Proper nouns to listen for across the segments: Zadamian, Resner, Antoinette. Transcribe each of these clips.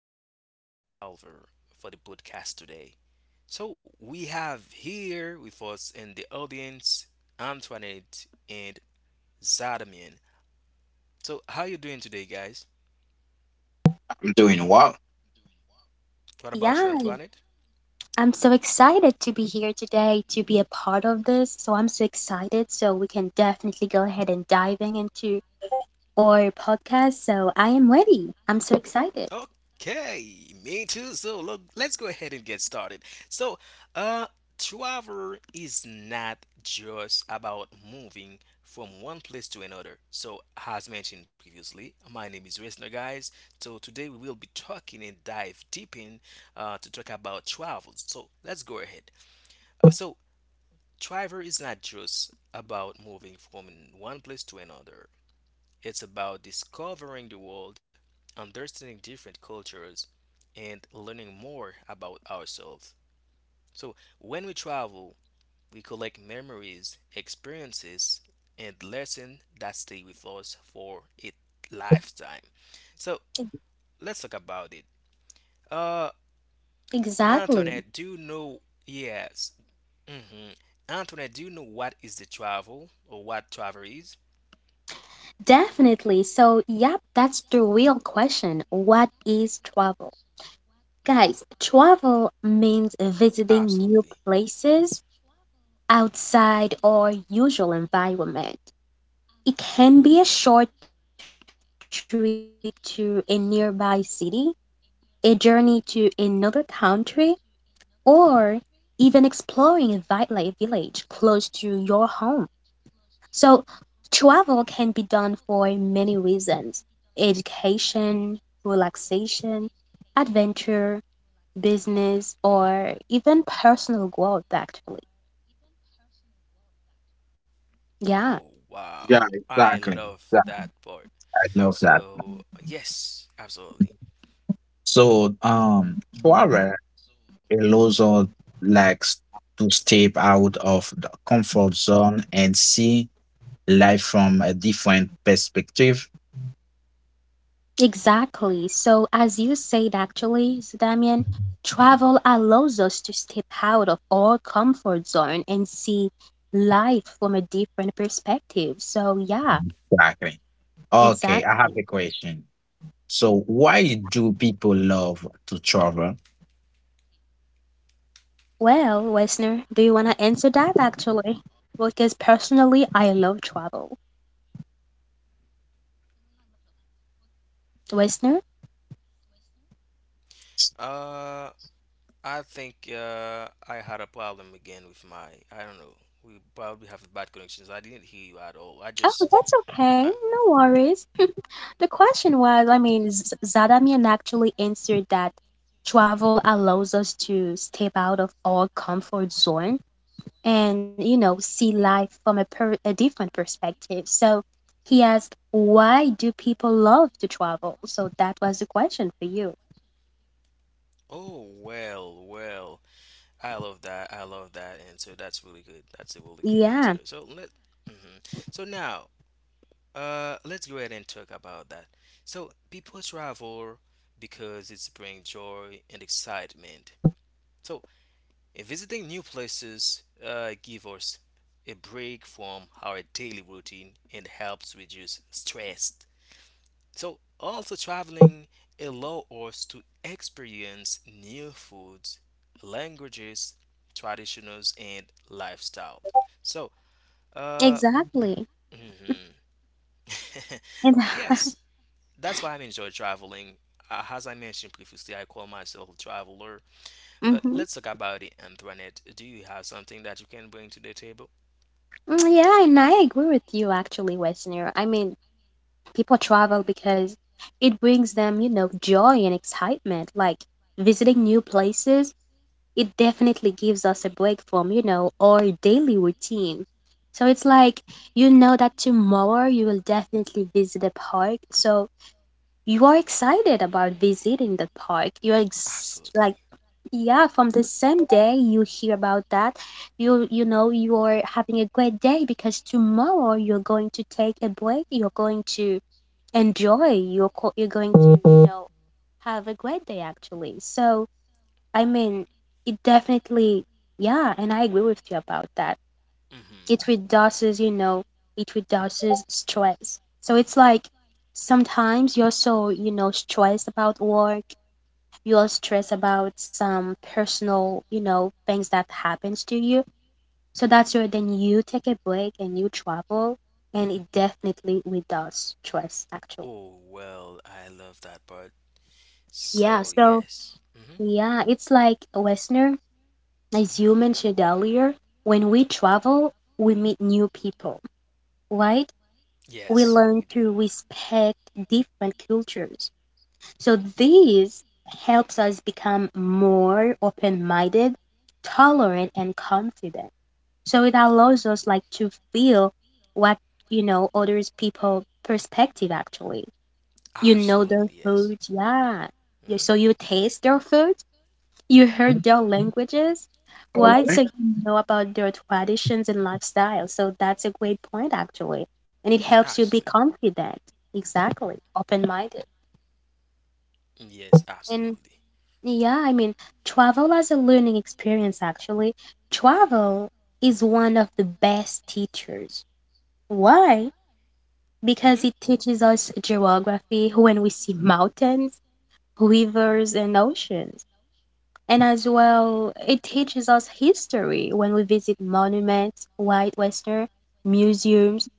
talking about Traveler for the podcast today. So, we have here with us in the audience Antoinette and Zadamian. So, how you doing today, guys? I'm doing well. What about you, Yeah, Antoinette? I'm so excited to be here today to be a part of this. So I'm so excited. So we can definitely go ahead and diving into our podcast. So I am ready. I'm so excited. Okay, me too. So look, let's go ahead and get started. So, uh, travel is not just about moving from one place to another. So, as mentioned previously, my name is Resner, guys. So today we will be talking and dive deep in to talk about travels. So let's go ahead. So, travel is not just about moving from one place to another. It's about discovering the world, understanding different cultures, and learning more about ourselves. So, when we travel, we collect memories, experiences, and lessons that stay with us for a lifetime. So, let's talk about it. Uh, Exactly. Antoinette, do you know? Yes. Hmm. Antoinette, do you know what is the travel or what travel is? Definitely. So, yep, that's the real question. What is travel? Guys, travel means visiting new Absolutely. places outside our usual environment. It can be a short trip to a nearby city, a journey to another country, or even exploring a wildlife village close to your home. So, travel can be done for many reasons: education, relaxation, adventure, business, Mm-hmm. or even personal growth, actually. Yeah. Oh, Yeah, wow. I exactly. love Yeah, that part. I love that. So, yes, absolutely. So, travel allows us like to step out of the comfort zone and see life from a different perspective. Exactly. So, as you said, actually, Damien, travel allows us to step out of our comfort zone and see life from a different perspective. So, yeah, Exactly. Okay, exact. I have a question. So, why do people love to travel? Well, Wesner, do you want to answer that actually? Because personally, I love travel. Wesner? Uh, I think I had a problem again with my, I don't know. We probably have bad connections. I didn't hear you at all. I just, Oh, that's I, okay. No worries. The question was, I mean, Zadamian actually answered that travel allows us to step out of our comfort zone and you know see life from a different perspective, so he asked why do people love to travel, so that was the question for you. oh, well. I love that. I love that answer. That's really good. That's a really good answer. Yeah, Mhm. So now, let's go ahead and talk about that. So, people travel because it's bring joy and excitement. So, visiting new places give us a break from our daily routine and helps reduce stress. So, also traveling allow us to experience new foods, languages, traditions, and lifestyles. So, uh, exactly. mhm. And Yes, that's why I enjoy traveling. As I mentioned previously, I call myself a traveler. Mhm. But let's talk about the internet. Do you have something that you can bring to the table? Yeah, and I agree with you actually, westerner. I mean, people travel because it brings them, you know, joy and excitement, like visiting new places. It definitely gives us a break from, you know, our daily routine. So it's like you know that tomorrow you will definitely visit a park. So you are excited about visiting the park. You're ex- like Absolutely. Yeah, from the same day you hear about that, you know you are having a great day because tomorrow you're going to take a break. You're going to enjoy. You're going to, you know, have a great day actually. So I mean, it definitely, yeah, and I agree with you about that. It Hmm. reduces, you know, it reduces stress. So it's like sometimes you're so, you know, stressed about work, you're stressed about some personal, you know, things that happens to you. So that's where then you take a break and you travel, and it definitely reduces stress, actually. Oh, well, I love that part. Yeah, So, so yes. Hmm. yeah, it's like Westerners, as you Hmm. mentioned earlier, when we travel, we meet new people, right? We Yes, learn we to do. respect different cultures. So this helps us become more open-minded, tolerant, and confident. So it allows us like to feel what, you know, others people perspective actually. You know their Absolutely, food, yes. yeah. So you Hmm. taste their food, you heard their languages, All right? So right. you know about their traditions and lifestyle. So that's a great point, actually. And it helps you be Actually, confident. Exactly. Open-minded. yes, And absolutely. yeah, I mean, travel as a learning experience, actually. Travel is one of the best teachers. Why? Because Hmm. it teaches us geography when we see mountains, rivers, and oceans. And as well, it teaches us history when we visit monuments, white western, museums,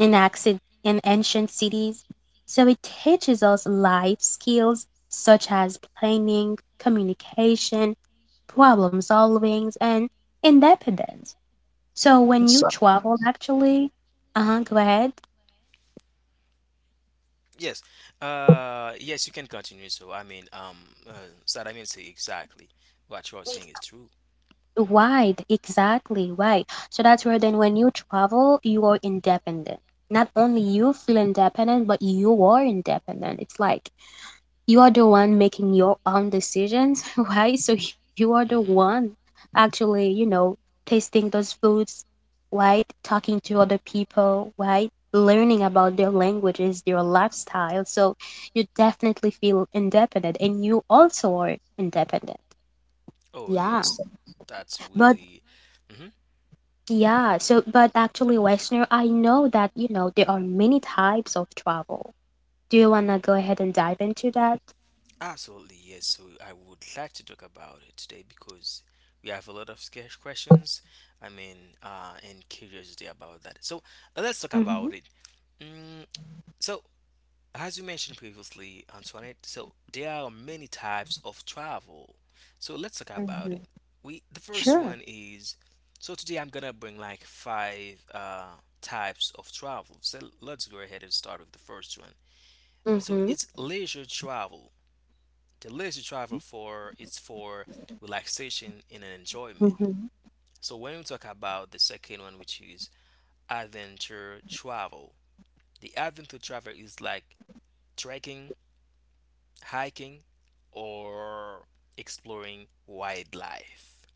and accent and ancient cities. So it teaches us life skills such as planning, communication, problem solving, and independence. So when you So, travel, actually, uh-huh, go ahead. Yes. Yes, you can continue. So, I mean, uh, so that I mean, say exactly what you are saying is true. Why exactly, why? So that's where Mhm. then when you travel, you are independent. Not only you feel independent, but you are independent. It's like you are the one making your own decisions, right? So you are the one Mhm. actually, you know, tasting those foods, right? Talking to other people, right? Learning about their languages, their lifestyle. So you definitely feel independent and you also are independent. Oh, Yeah. so- yes, that's But really. Mhm. yeah, so Definitely. but actually, Westner, I know that you know there are many types of travel. Do you wanna go ahead and dive into that? Absolutely, yes. So I would like to talk about it today because we have a lot of scarce questions. I mean, and curiosity about that. So let's talk Mm-hmm. about it. Mm, So, as you mentioned previously, Antoinette, so there are many types of travel. So let's talk Hmm. about it. We The first Sure. one is, so today I'm gonna bring like five types of travel. So let's go ahead and start with the first one. So Mm-hmm. it's leisure travel. The leisure travel, for it's for relaxation and enjoyment. Hmm. So when we talk about the second one, which is adventure travel, the adventure travel is like trekking, hiking, or exploring wildlife.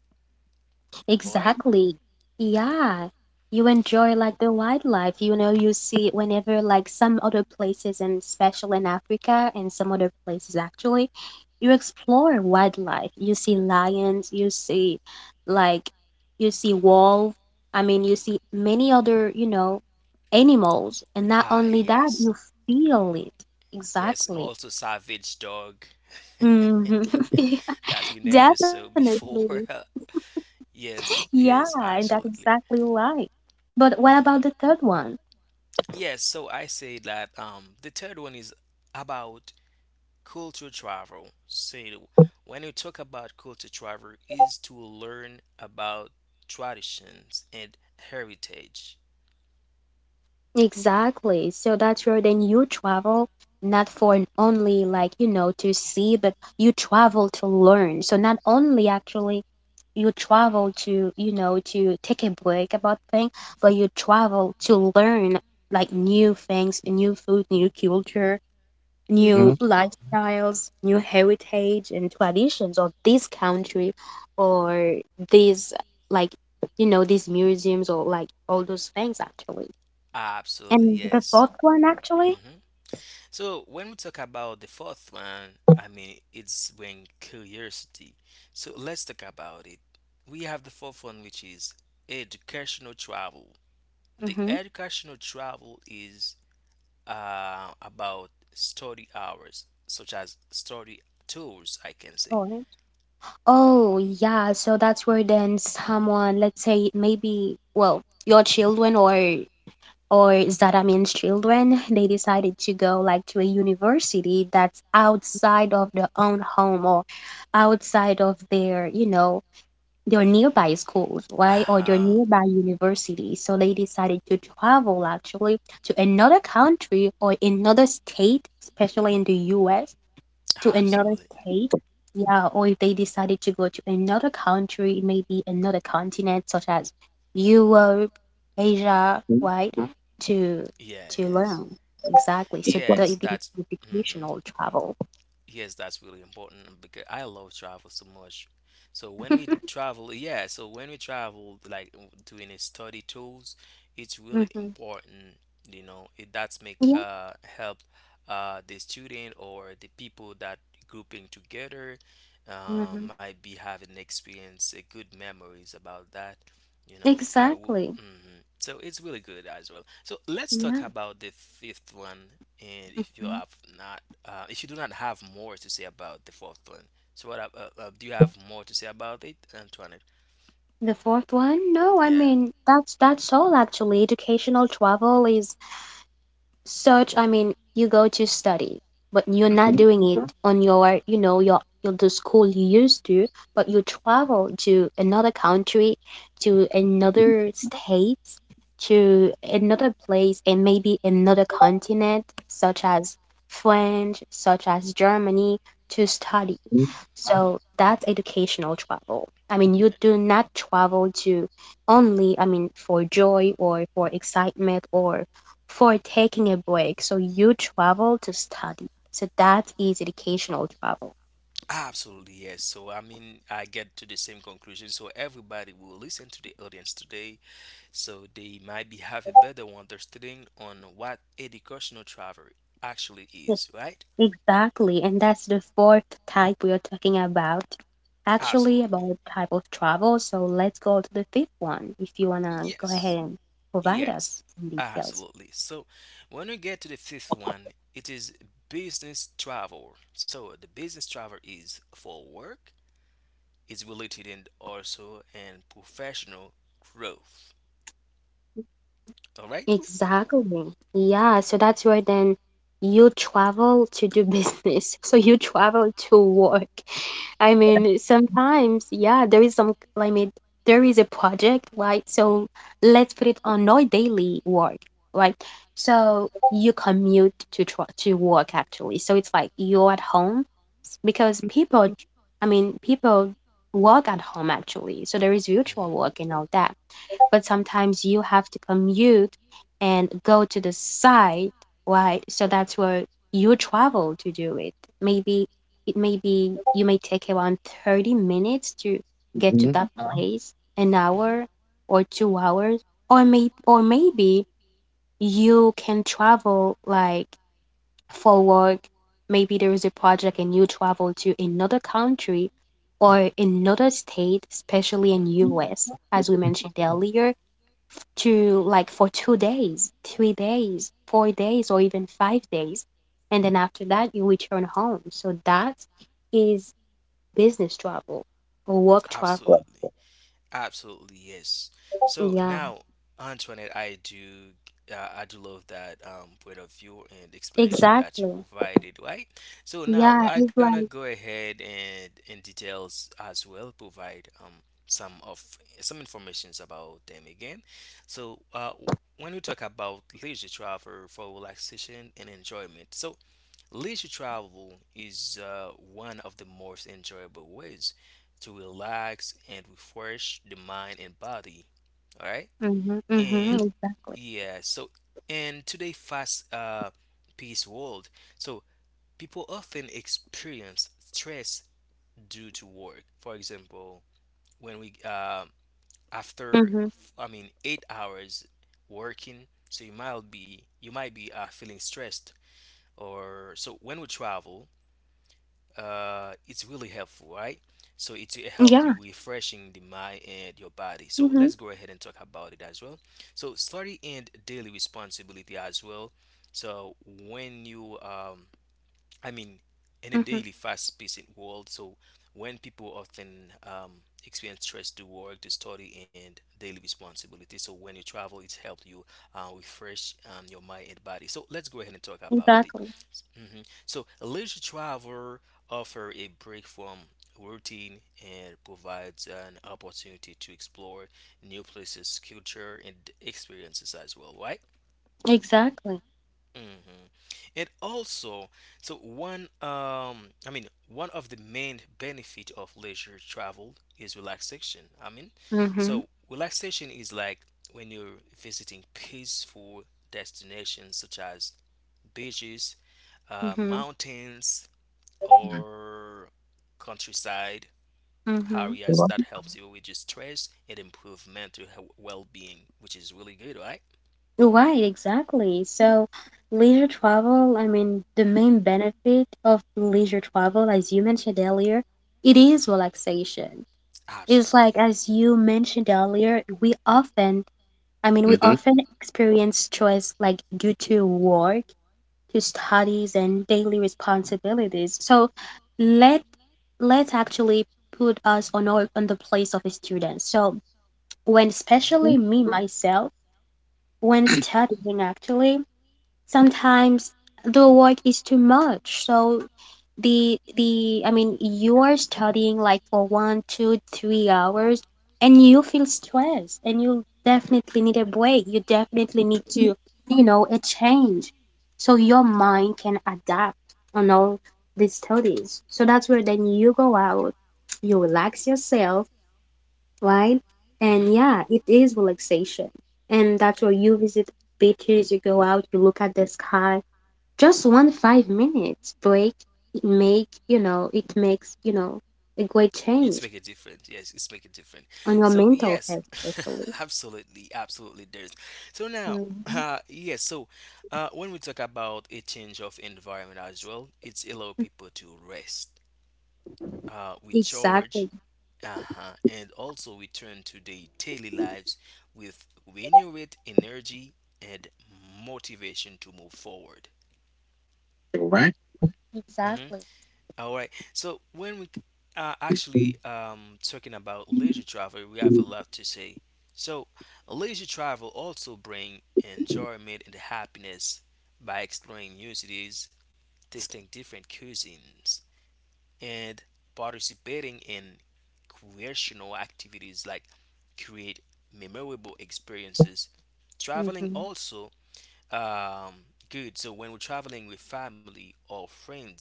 All right? Exactly. Yeah. Mhm. You enjoy like the wildlife, you know, you see it whenever like some other places and especially in Africa and some other places actually, you explore wildlife. You see lions, you see like you see wolf. I mean, you see many other, you know, animals. And not Ah, only that, yes. you feel it. Yes, Exactly. also savage dog Hmm. that we never saw Definitely. before. Yes, Yeah, yes, and that's absolutely. exactly right. But what Hmm. about the third one? Yes, so I say that the third one is about culture travel. So when you talk about culture travel, is to learn about traditions and heritage. Exactly. So that's where then you travel not for an only like, you know, to see, but you travel to learn. So not only actually you travel to, you know, to take a break about things, but you travel to learn like new things, new food, new culture, new mhm, lifestyles, new heritage and traditions of this country or these, like, you know, these museums or like all those things actually. Absolutely, And the yes. fourth one actually? Hmm. So when we talk about the fourth one, I mean it's when curiosity. So let's talk about it. We have the fourth one, which is educational travel. The Mm-hmm. educational travel is about study hours, such as study tours, I can say. Sorry. Oh yeah, so that's where then someone, let's say maybe well, your All children or Zadamin's children, they decided to go like to a university that's outside of their own home or outside of their, you know, their nearby schools, right, or Uh-huh. their Ah, nearby universities. So they decided to travel actually to another country or another state, especially in the US, to another absolutely. state. Yeah, or if they decided to go to another country, maybe another continent such as Europe, Asia, mhm, right, to Yeah, to yes. learn. Exactly. So so- the, Yes, the that's. Hmm. educational travel. Yes, that's really important because I love travel so much. So when we travel, yeah, so when we travel, like doing a study tools, it's really Hmm. important, you know, it that's make Yeah, help I'm the student or the people that grouping together hmm, might be having experience good memories about that. You know, I w exactly. Mhm. So it's really good as well. So let's talk Yeah. about the fifth one, and if you Mm-hmm. have not if you do not have more to say about the fourth plan, so do you have more to say about it, Antoinette? The fourth one? No, I Yeah. mean that's all actually. Educational travel is such, I mean, you go to study, but you're not mhm, doing it on your, you know, your the school you used to, but you travel to another country, to another state, to another place and maybe another continent, such as France, such as Germany, to study. mhm, So that's educational travel. I mean, you do not travel to only, I mean, for joy or for excitement or for taking a break. So you travel to study. So that is educational travel. Absolutely, yes. So, I mean, I get to the same conclusion. So, everybody will listen to the audience today, so they might be have a better understanding on what educational travel actually Yes, is, right? exactly. And that's the fourth type we are talking about. Actually, Absolutely. about type of travel. So let's go to the fifth one if you want to go ahead Yes. and provide Yes, us some details. absolutely. So when we get to the fifth one, it is business travel. So the business travel is for work, is related and also and professional growth. All right? Exactly. Yeah, so that's where then you travel to do business. So you travel to work. I mean, sometimes, yeah, there is some, I mean, there is a project, right? So let's put it on our daily work, right? So you commute to work actually. So it's like you're at home because people, I mean, people work at home actually. So there is virtual Mhm, work and all that, but sometimes you have to commute and go to the site, right? So that's where you travel to do it. Maybe it may be you may take around 30 minutes to get to mhm, that place, an mhm, hour or 2 hours, or may or maybe ready you can travel like for work. Maybe there is a project and you travel to another country or another state, especially in mhm. mhm, US, as we mentioned earlier, to like for 2 days, 3 days, 4 days, or even 5 days. And then after that, you return home. So that is business travel or work travel. so- Absolutely. Absolutely, yes. So Yeah, now, Antoinette, I do love that point of view and explanation that you exactly. provided, right? So now Yeah, I it's gonna like, go ahead and in details as well provide some informations about them again. for So when we talk about leisure travel for relaxation and enjoyment, so leisure travel is one of the most enjoyable ways to relax and refresh the mind and body. All right. mm-hmm, mm-hmm, And exactly. yeah, so in today fast paced world, so people often experience stress due to work. For example, when we after Mm-hmm. I mean 8 hours working, so you might be you it. might be feeling stressed or so when we travel it's really helpful, right? So it will help Yeah, you refreshing the mind and your body. So mm-hmm, let's go ahead and talk about it as well. So study and daily responsibility as well. So when you I mean, in a mm-hmm, daily fast-paced world, so when people often experience stress to work, to study, and daily responsibility, so when you travel, it's helped you refresh your mind and body. So let's go ahead and talk about it. exactly. So leisure travel offer a break from routine and provides an opportunity to explore new places, culture, and experiences as well, right? Exactly. Mhm. And also, so one, I mean, one of the main benefit of leisure travel is relaxation. I mean, Mm-hmm, so relaxation is like when you're visiting peaceful destinations such as beaches, mm-hmm, mountains, mhm, or countryside mm-hmm. areas that so- helps you with your stress and improve mental well-being, which is really good, right? Right, exactly. So, leisure travel, I mean, the main benefit of leisure travel, as you mentioned earlier, it is Mhm. relaxation. It's like, Absolutely. as you mentioned earlier, we often, I mean, we mhm, often experience stress like due to work, to studies, and daily responsibilities. So, let let's actually So put us on the place of a student. So, when Mhm. especially mhm. me myself, when studying actually sometimes the work is too much, so the I mean you are studying like for 1, 2, 3 hours, and you feel stressed and you definitely need a break. You definitely need to, you know, a change, so your mind can adapt on all these studies. So that's where then you go out, you yeah, relax yourself, right? And hmm yeah, it is relaxation. And that's where you visit beaches, you go out, you look at the sky. Just one 5 minutes break, it makes a great It's change make a difference. Yes, it's make a difference. on your So mental yes, health especially. absolutely, absolutely. There's so now, Mhm. Yes. So, when we talk about a change of environment as well, it's allow people to rest. We charge, Exactly. uh-huh, and also return to their daily lives with renewed energy and motivation to move forward. All right. hmm Exactly. All right. So when we are actually talking about leisure travel, we have a lot to say. So leisure travel also bring enjoyment and happiness by exploring new cities, tasting different cuisines, and participating in recreational activities like create memorable experiences. Traveling Mhm. also um, good. So when we're traveling with family or friends,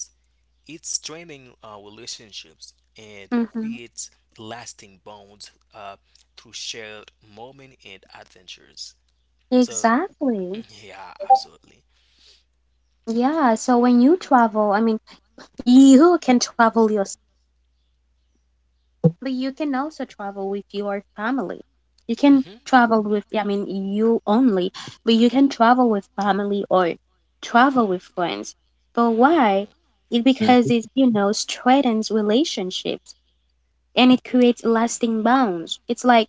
it's strengthening our relationships and Mm-hmm. creates lasting bonds through shared moments and adventures. So Exactly. yeah, absolutely. Yeah. So when you travel, I mean, you can travel, but you can also travel with your family. You can Hmm. travel with, I mean, you only, but you can travel with family or travel with friends. But Hmm. why? It's because Mhm, it, you know, strengthens relationships, and it creates lasting bonds. It's like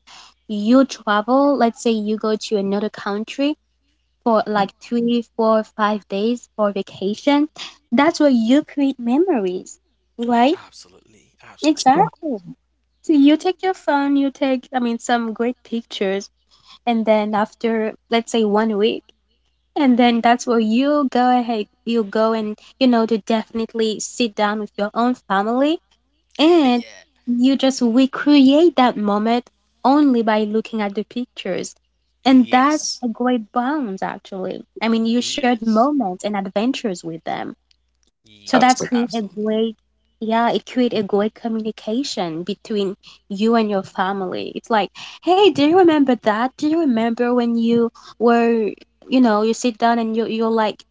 you travel, let's say you go to another country for mhm. like three, four, 5 days for vacation. That's where you create memories, right? Absolutely, absolutely. Exactly. So you take your phone, you take, I mean, some great pictures, and then after, let's say, one week, and Mhm. then that's where you go ahead, you go and, you know, to definitely sit down with your own family and Yeah. you just recreate that moment only by looking at the pictures. And that's Yes. a great bond, actually. I mean, you shared Yes. moments and adventures with them. So Yes. That's that's the create a Absolutely. great, yeah, it create a great communication between you and your family. It's like, hey, do you remember that? Do you remember when you were, you know, you sit down and you're like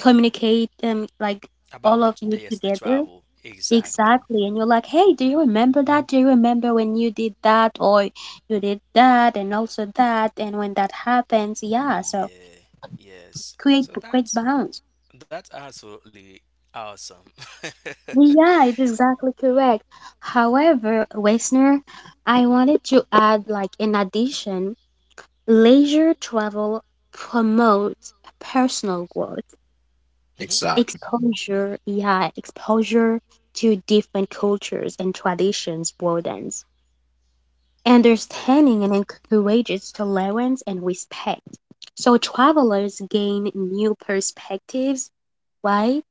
communicate like About all the of you yes, the together? travel. Exactly. Exactly. And you're like, hey, do you remember that? Do you remember when you did that or you did that and also that and when that happens? Yeah, so Yeah. Yes. create So great that's balance. that's absolutely awesome. Yeah, it is exactly correct. However, listener, I wanted to add, like, in addition, leisure travel promotes personal growth, Hmm. exact. exposure, yeah, exposure to different cultures and traditions broadens Okay. understanding and encourages tolerance and respect. So travelers gain new perspectives, right?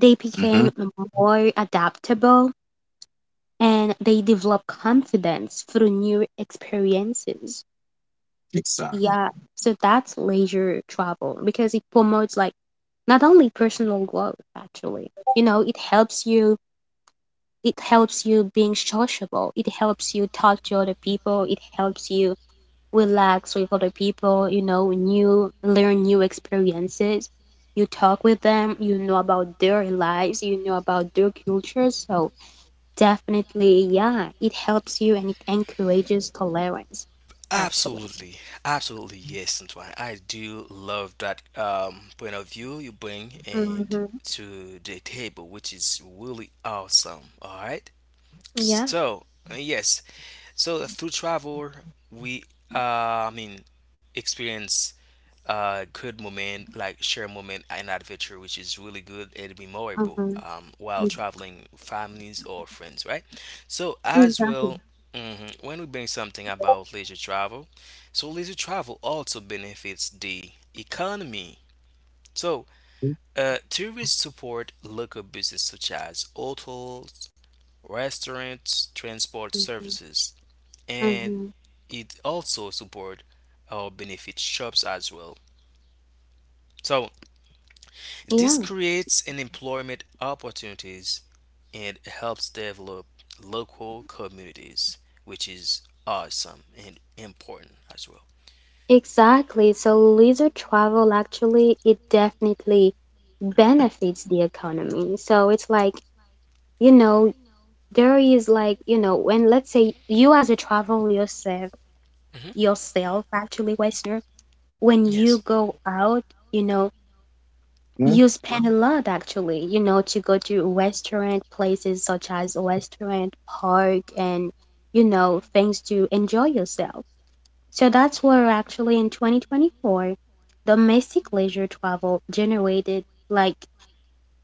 They Hmm. became more adaptable and they develop confidence through new experiences. Exactly. Yeah, so that's leisure travel because it promotes like not only personal growth actually. You know, it helps you being sociable. It helps you talk to other people. It helps you relax with other people, you know, new learn new experiences. You talk with them, you know about about their lives, you know about their cultures. So definitely, yeah. It helps you and it encourages tolerance, actually. Absolutely, absolutely, yes, and why I do love that point of view you bring and Mm-hmm. to the table, which is really awesome. All right, Yeah. so yes, so through travel, we I mean experience good moment like share moment and adventure, which is really good and memorable Mm-hmm. While traveling with families or friends, right? So as Exactly. well, mhm, when we bring something about leisure travel, so leisure travel also benefits the economy, so tourists support local business such as hotels, restaurants, transport Mm-hmm. services, and Mm-hmm. it also support or benefit shops as well. So Yeah, this creates an employment opportunities and helps develop local communities, which is awesome and important as well. exactly. So leisure travel actually it definitely benefits the economy. So it's like, you know, there is like, you know, when let's say you as a travel yourself hmm yourself actually, Westerner, when you Yes. go out, you know, cultural Mhm. use pen a lot actually, you know, to go to restaurant places such as restaurant, park, and you know, things to enjoy yourself. So that's where actually in 2024, domestic leisure travel generated like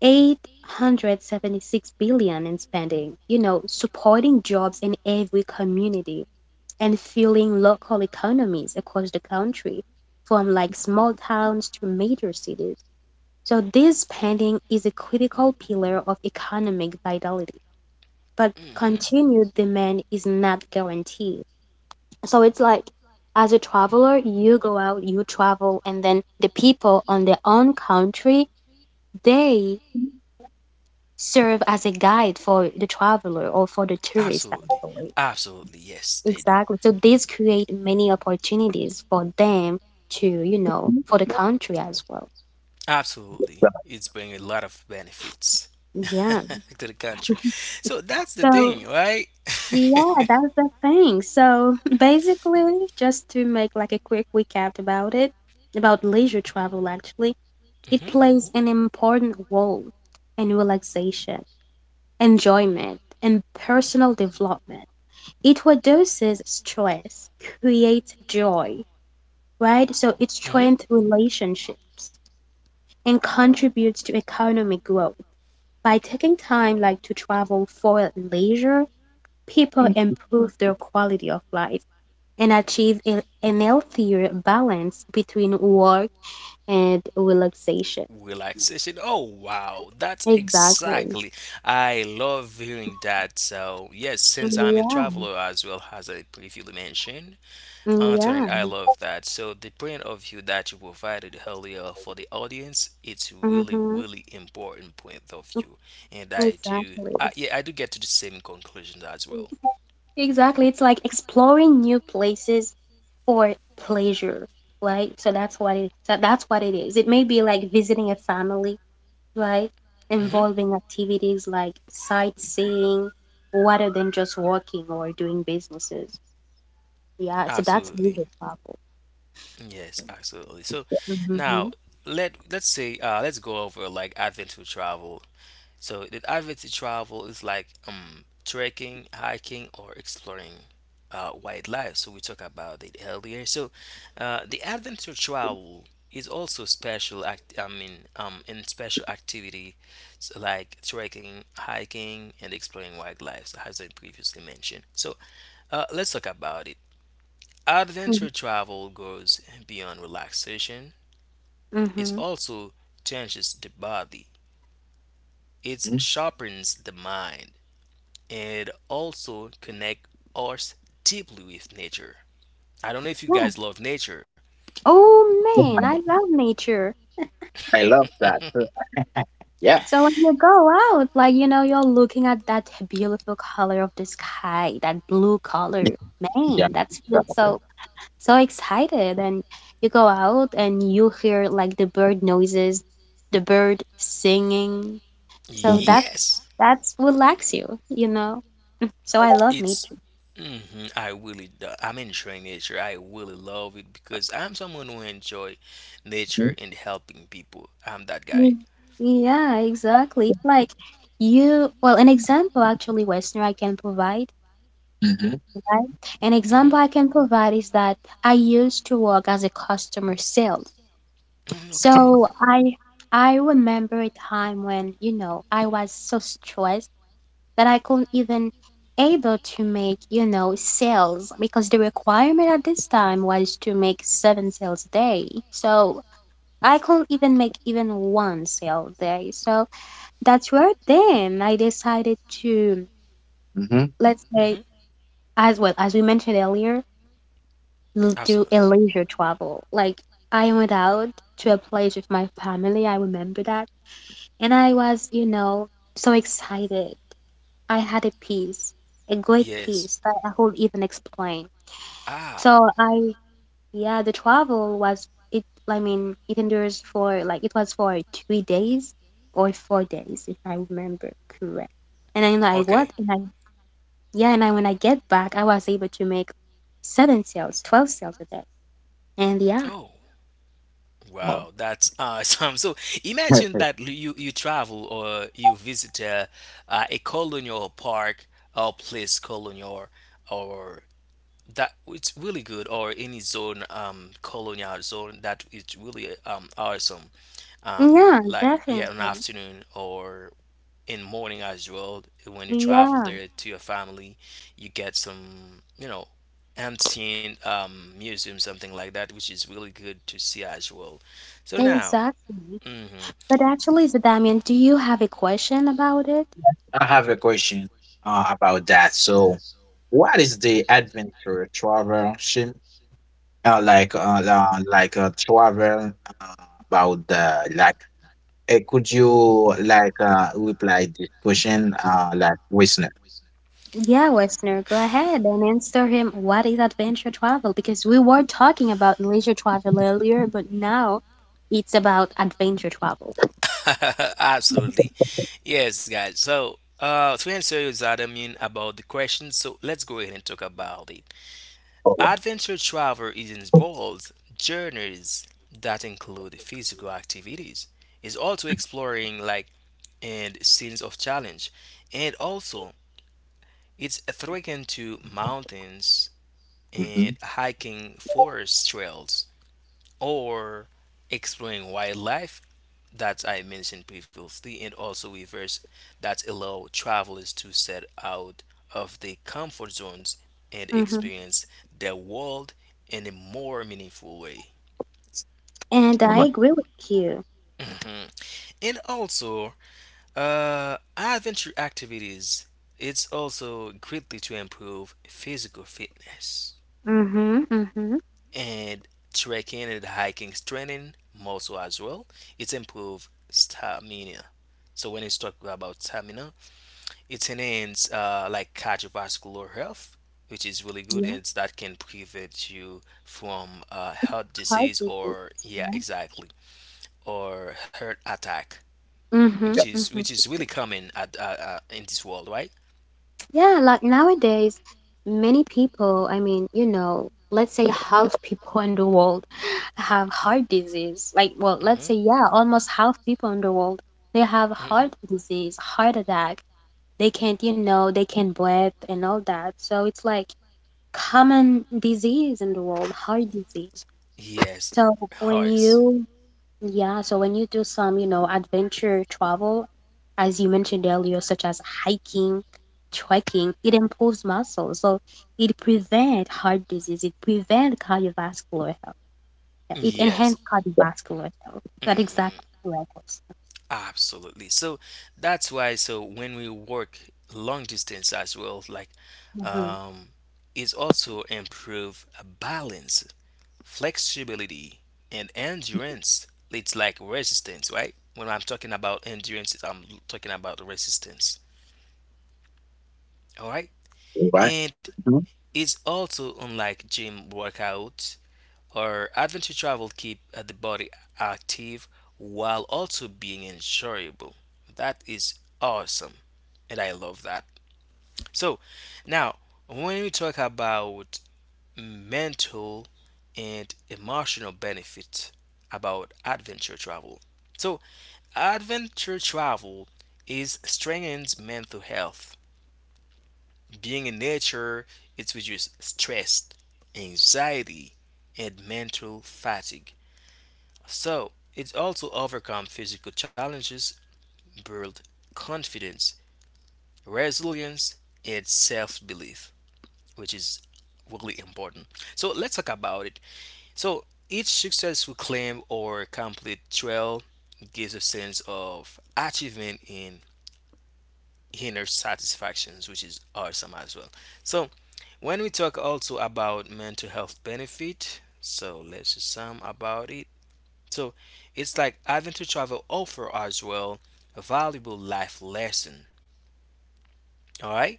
876 billion in spending, you know, supporting jobs in every community and fueling local economies across the country, from like small towns to major cities. So this spending is a critical pillar of economic vitality. But hmm continued demand is not guaranteed. So it's like as a traveler, you go out, you travel, and then the people on their own country, they serve as a guide for the traveler or for the tourist Absolutely. actually. Absolutely. Yes, they do. Exactly. So this create many opportunities for them to, you know, for the country as well. So, Absolutely. It's bringing a lot of benefits Yeah. to the country. So that's the So thing, right? yeah, that's the thing. So basically, just to make like a quick recap about it, about leisure travel actually, it hmm plays an important role in relaxation, enjoyment, and personal development. It reduces stress, creates joy, right? So it hmm strengthens relationships and contributes to economic growth. By taking time like to travel for leisure, people improve their quality of life and achieve an healthier balance between work and relaxation. Relaxation. Oh, wow. That's Exactly. exactly. I love hearing that. So, yes, since I'm a Mm, traveler as well as I previously mentioned, yeah. Mm, Antoine, I yeah. love that. exposure So the point of view that you provided earlier for the audience, it's really, Mm-hmm. really important point of view, and Exactly. yeah, I do get to the same conclusion as well. Exactly. It's like exploring new places for pleasure, right? So that's what it is. It may be like visiting a family, right? hmm Involving activities like sightseeing, rather than just working or doing businesses. Yeah. So that's Absolutely, leisure travel. yes, absolutely. So Mm-hmm. now, let's say let's go over like adventure travel. So the adventure travel is like trekking, hiking, or exploring wildlife. So we talked about it earlier. So the adventure travel is also special act, I mean, in special activity, so like trekking, hiking, and exploring wildlife, so as I previously mentioned. So let's talk about it. Mm-hmm. Adventure travel goes beyond relaxation. It Mhm. also changes the body. It Mhm. sharpens the mind and also connect us deeply with nature. I don't know if you Yeah. guys love nature. Oh man, I love nature. I love that too. Yeah. So when you go out, like you know, you're looking at that beautiful color of the sky, that blue color. Yeah. Man, that's feel Exactly. So excited. And you go out and you hear like the bird noises, the bird exposure. singing. So Mhm. that Yes, that's relax you, you know. So I love it's. nature. hmm I really do. I'm enjoying nature. I really love it because I'm someone who enjoy nature Hmm. and helping people. I'm that guy. Mm. Yeah, exactly. It's like you, well, an example actually, Westerner, I can provide, right? An hmm example I can provide is that I used to work as a customer sales. Mm, okay. So I remember a time when, you know, I was so stressed that I couldn't even able to make, you know, sales because the requirement at this time was to make seven sales a day. So I couldn't even make even one sale a day. So that's where then I decided to, Hmm. let's say, hmm as well as we mentioned earlier, do a Absolutely. leisure travel. Like I went out to a place with my family, I remember that. And I was, you know, so excited. I had a piece, a great Yes. piece that I could even explain. Ow. So I, yeah, the travel was it. I mean, it endures for like it was for 3 days or 4 days, if I remember correct. And then I Okay. what? And I yeah, and I when I get back, I was able to make seven sales, 12 sales a day. And yeah, Oh. Wow, Well, that's awesome. So imagine that you travel or you visit actually. A colonial park or place colonial or that it's really good, or any zone, um, colonial zone that it's really, um, awesome, um, yeah, like yeah, an definitely. afternoon or in morning as well, when you travel Yeah, there to your family, you get some, you know, ancient, museum, something like that, which is really good to see as well. So now. exactly. hmm But actually, Zadamian, do you have a question about it? I have a question about that. So, what is the adventure travel like travel uh, about the like could you like reply this question like listener? Yeah, listener, go ahead and answer him. What is adventure travel? Because we were talking about leisure travel earlier, but now it's about adventure travel. Absolutely. Yes, guys. So, to answer you, that about the question, so let's go ahead and talk about it. All right. Adventure travel is involves journeys that include physical activities. It's also exploring like and scenes of challenge. And also, it's a threatened to mountains Mm-hmm. and hiking forest trails, or exploring wildlife that I mentioned previously, and also rivers that allow travelers to set out of the comfort zones and Mm-hmm. experience the world in a more meaningful way. And All I right. agree with you. Mhm. And also, uh, adventure activities, it's also greatly to improve physical fitness, Mm-hmm. Mm-hmm. and trekking and hiking strengthening muscle as well. It improve stamina. So when it's talking about stamina, it enhances, like cardiovascular health, which is really good, Yeah, and that can prevent you from, heart hard disease, to do. or Yeah. yeah, exactly, or heart attack, Mm-hmm. Yeah. Mm-hmm. which is really common at, in this world, right? Yeah, like nowadays, many people, I mean, you know, let's say half people in the world have heart disease. Like, well, let's Mhm. say, yeah, almost half people in the world, they have Mhm. heart disease, heart attack. They can't, you know, they can't breathe and all that. So it's like common disease in the world, heart disease. Yes. So when Horse. you, yeah, so when you do some, you know, adventure travel, as you mentioned earlier, such as hiking, trekking, it improves muscles. So it prevents heart disease, it prevents cardiovascular health. Yeah, it enhances Yes. cardiovascular health. That hmm exactly what I Absolutely. So that's why. So when we work long distance as well, like, um, it's also improve balance, flexibility, and endurance. It's like resistance, right? When I'm talking about endurance, I'm talking about resistance. All right. All right. And Mhm. it's also unlike gym workout, or adventure travel keep, the body active while also being enjoyable. That is awesome and I love that. So now when we talk about mental and emotional benefit about adventure travel. So adventure travel is strengthens mental health. Being in nature, it reduces stress, anxiety, and mental fatigue. So, it also overcomes physical challenges, builds confidence, resilience, and self-belief, which is really important. So, let's talk about it. So, each successful claim or complete trail gives a sense of achievement and inner satisfactions, which is awesome as well. So, when we talk also about mental health benefit, so let's just some about it. So it's like adventure travel offer as well a valuable life lesson. All right,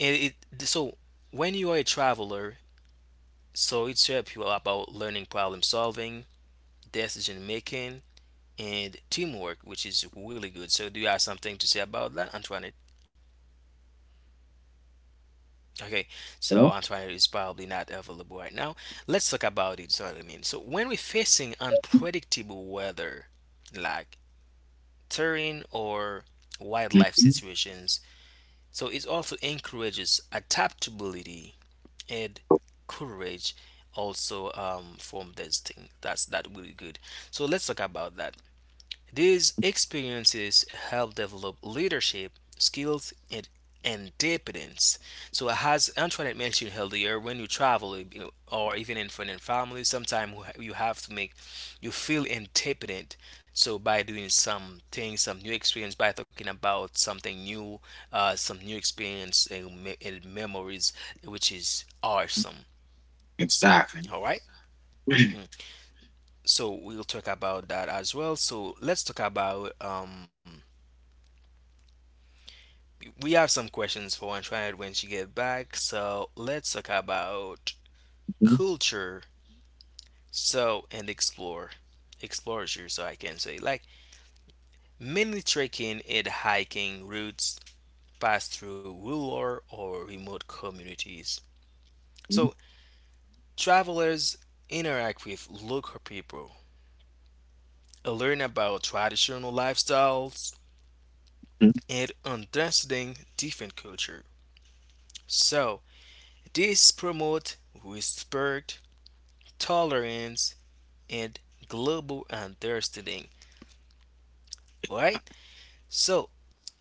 it so when you are a traveler, so it's help you about learning problem solving, decision making, and teamwork, which is really good. So do you have something to say about that, Antoine? Okay, so Antoine is probably not available right now. Let's talk about it. So I mean, so when we're facing unpredictable weather, like terrain or wildlife Mhm. situations, so it also encourages adaptability and courage. Also, from this thing, that's that really good. So let's talk about that. These experiences help develop leadership Many skills and independence. So, as Antoinette mentioned earlier, when you travel, you know, or even in friend and family, sometimes you have to make you feel independent. So, by doing some things, some new experience, by talking about something new, some new experience and, and memories, which is awesome. Exactly. All right? Mhm. So, we'll talk about that as well. So, let's talk about. We have some questions for Antoinette when she get back. So let's talk about Mhm, culture. So and explore, exploratory. So I can say like mainly trekking and hiking routes pass through rural or remote communities. So mhm, travelers interact with local people, learn about traditional lifestyles, mhm. and understanding different culture. So this promote respect, trekking tolerance, and global understanding. Right? So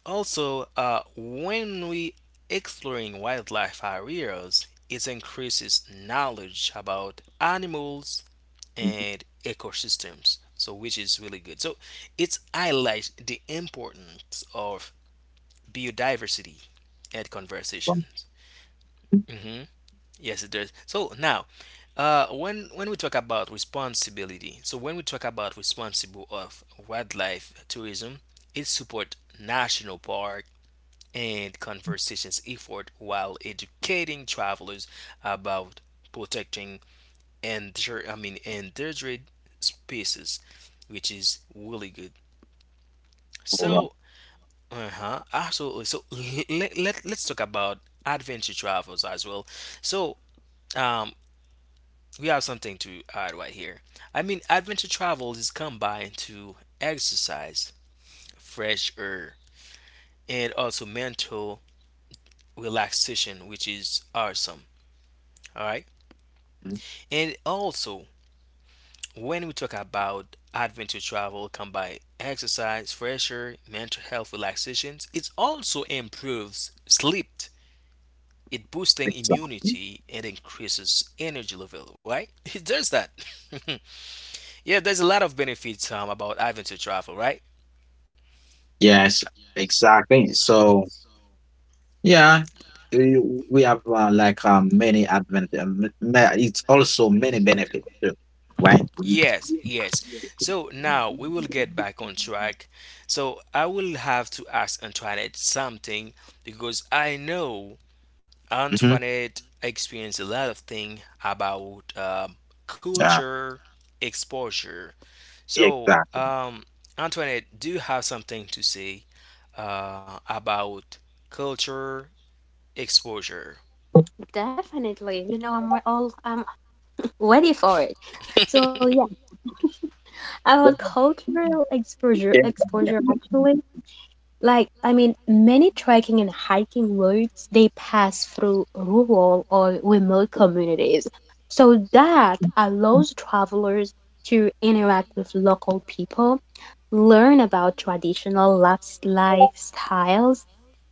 also, when we exploring wildlife areas, it increases knowledge about animals and ecosystems. So which is really good. So it highlights the importance of biodiversity at conversations. Mm-hmm. Yes, it does. So now, when we talk about responsibility, so when we talk about responsible of wildlife tourism, it support national park and conversations effort while educating and travelers about protecting and I mean endangered species, which is really good. Alright. So, uh-huh, absolutely. So let's talk about adventure travels as well. So, um, we have something to add right here. I mean, adventure travel is combined to exercise, fresh air, and also mental relaxation, which is awesome. All right. Mhm, And also, when we talk about adventure travel combined exercise, fresh air, mental health relaxations, it also improves sleep. It boosting exactly. immunity and increases energy level, right? It does that. Yeah, there's a lot of benefits, about adventure travel, right? hiking Yes, exactly. So, yeah, we we have, like, many advan it's also many benefits too, right? Yes, yes. So now we will get back on track. So I will have to ask Antoinette something because I know Mhm, Antoinette experienced a lot of thing about, yeah, culture exposure. So, exactly. Antoinette, do you have something to say, about culture exposure? routes they pass through rural or remote communities. So that allows travelers to interact with local people, learn about traditional lifestyles,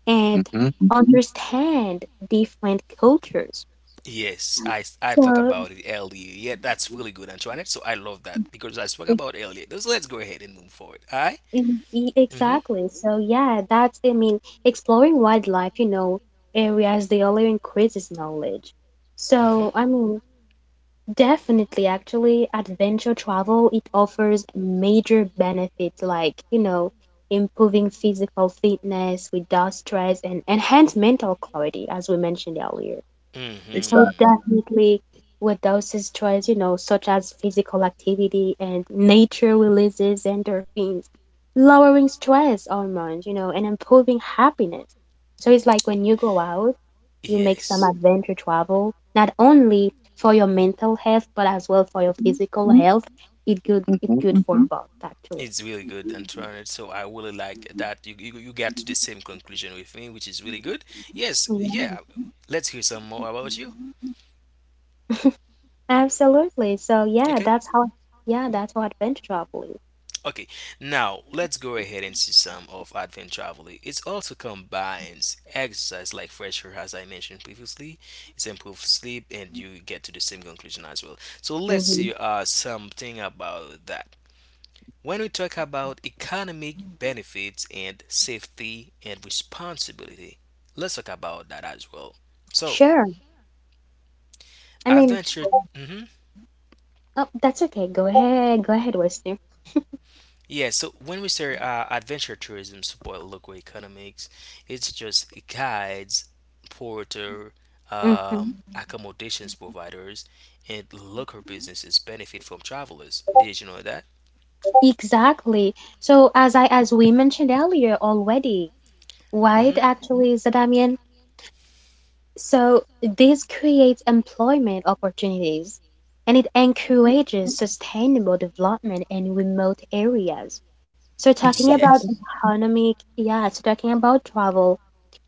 and Mhm, understand different cultures. Yes, I talked So about it earlier. Yeah, that's really good, Antoinette. So I love that because I spoke about earlier. So let's go ahead and move forward. All right. Mhm. Exactly. So yeah, that's I mean, exploring wildlife, areas, they only increases knowledge. Mhm. So I mean, definitely actually adventure travel, it offers major benefits like, improving physical fitness without stress and enhance mental clarity as we mentioned earlier. So exactly. Mhm. definitely with those stress, such as physical activity and nature, releases endorphins, lowering stress hormones, and improving happiness. So it's like when you go out, you make some Yes. adventure travel, not only for your mental health, but as well for your physical health. It Mhm, good for Mm-hmm. both actually. It's really good, Antoinette. So I really like that you got to the same conclusion with me, which is really good. Yes. Yeah. Yeah. Let's hear some more about you. Absolutely. So yeah, Okay. that's how yeah, that's how adventure travel is. Okay, now let's go ahead and see some of advent traveling. It also combines exercise like fresh air, as I mentioned previously. It's improved sleep, and you get to the same conclusion as well. So let's Hmm. see, something about that. When we talk about economic benefits and safety and responsibility, let's talk about that as well. So Sure. I mean, adventure. Mhm. oh, that's okay. Go ahead. Go ahead, Wester. Yeah, so when we say, adventure tourism support local economics, it's just guides, porter, Mm-hmm. accommodations providers, and local businesses benefit from travelers. Did you know that? Exactly. So as we mentioned earlier already, right, Mm-hmm. actually, Zadamian? So this creates employment opportunities and it encourages sustainable development in remote areas. So talking exac about Yes. so talking about travel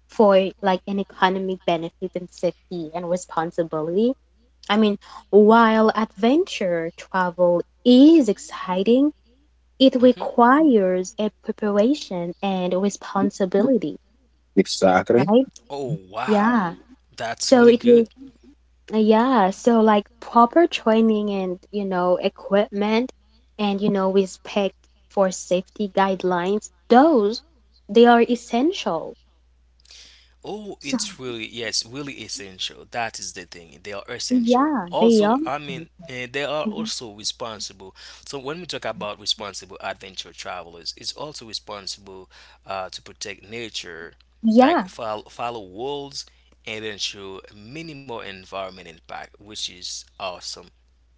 for like an economic benefit and safety and responsibility. I mean, while adventure travel is exciting, it hmm requires a preparation and responsibility, right? exactly. Oh, Yeah. wow. So That's it really will, good. yeah. So like proper training and, equipment and, respect for safety guidelines, those they are essential. Oh, So it's really, yes, really essential. That is the thing. They are essential. yeah, they are. Also, I mean, eh, they are Mhm. also responsible. So when we talk about responsible adventure travelers, it's also responsible, to protect nature, like Yeah. follow rules, and ensure minimal environment impact, which is awesome.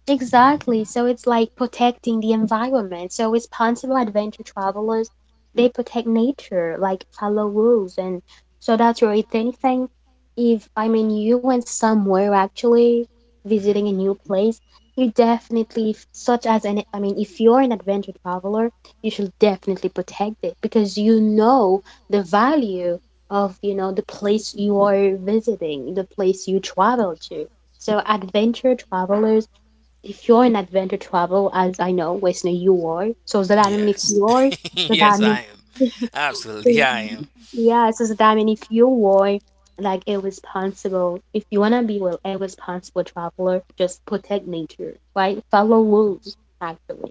Exactly. So it's like protecting the environment. So responsible adventure travelers, they protect nature, like follow rules. And so that's where, if anything, if I mean you went somewhere actually, visiting a hmm new place, you definitely, such as if you're an adventure traveler, you should definitely protect it, because you know the value of, the place you are visiting, the place you travel to. So adventure travelers, if you're an adventure travel, as I know, Wesley, you are. So does that mean if Yes. you're, does that Yes, I mean, am. Absolutely, I am. yeah, so does that mean if you are like a responsible, if you wanna be well, a responsible traveler, just protect nature, right? Follow rules, actually.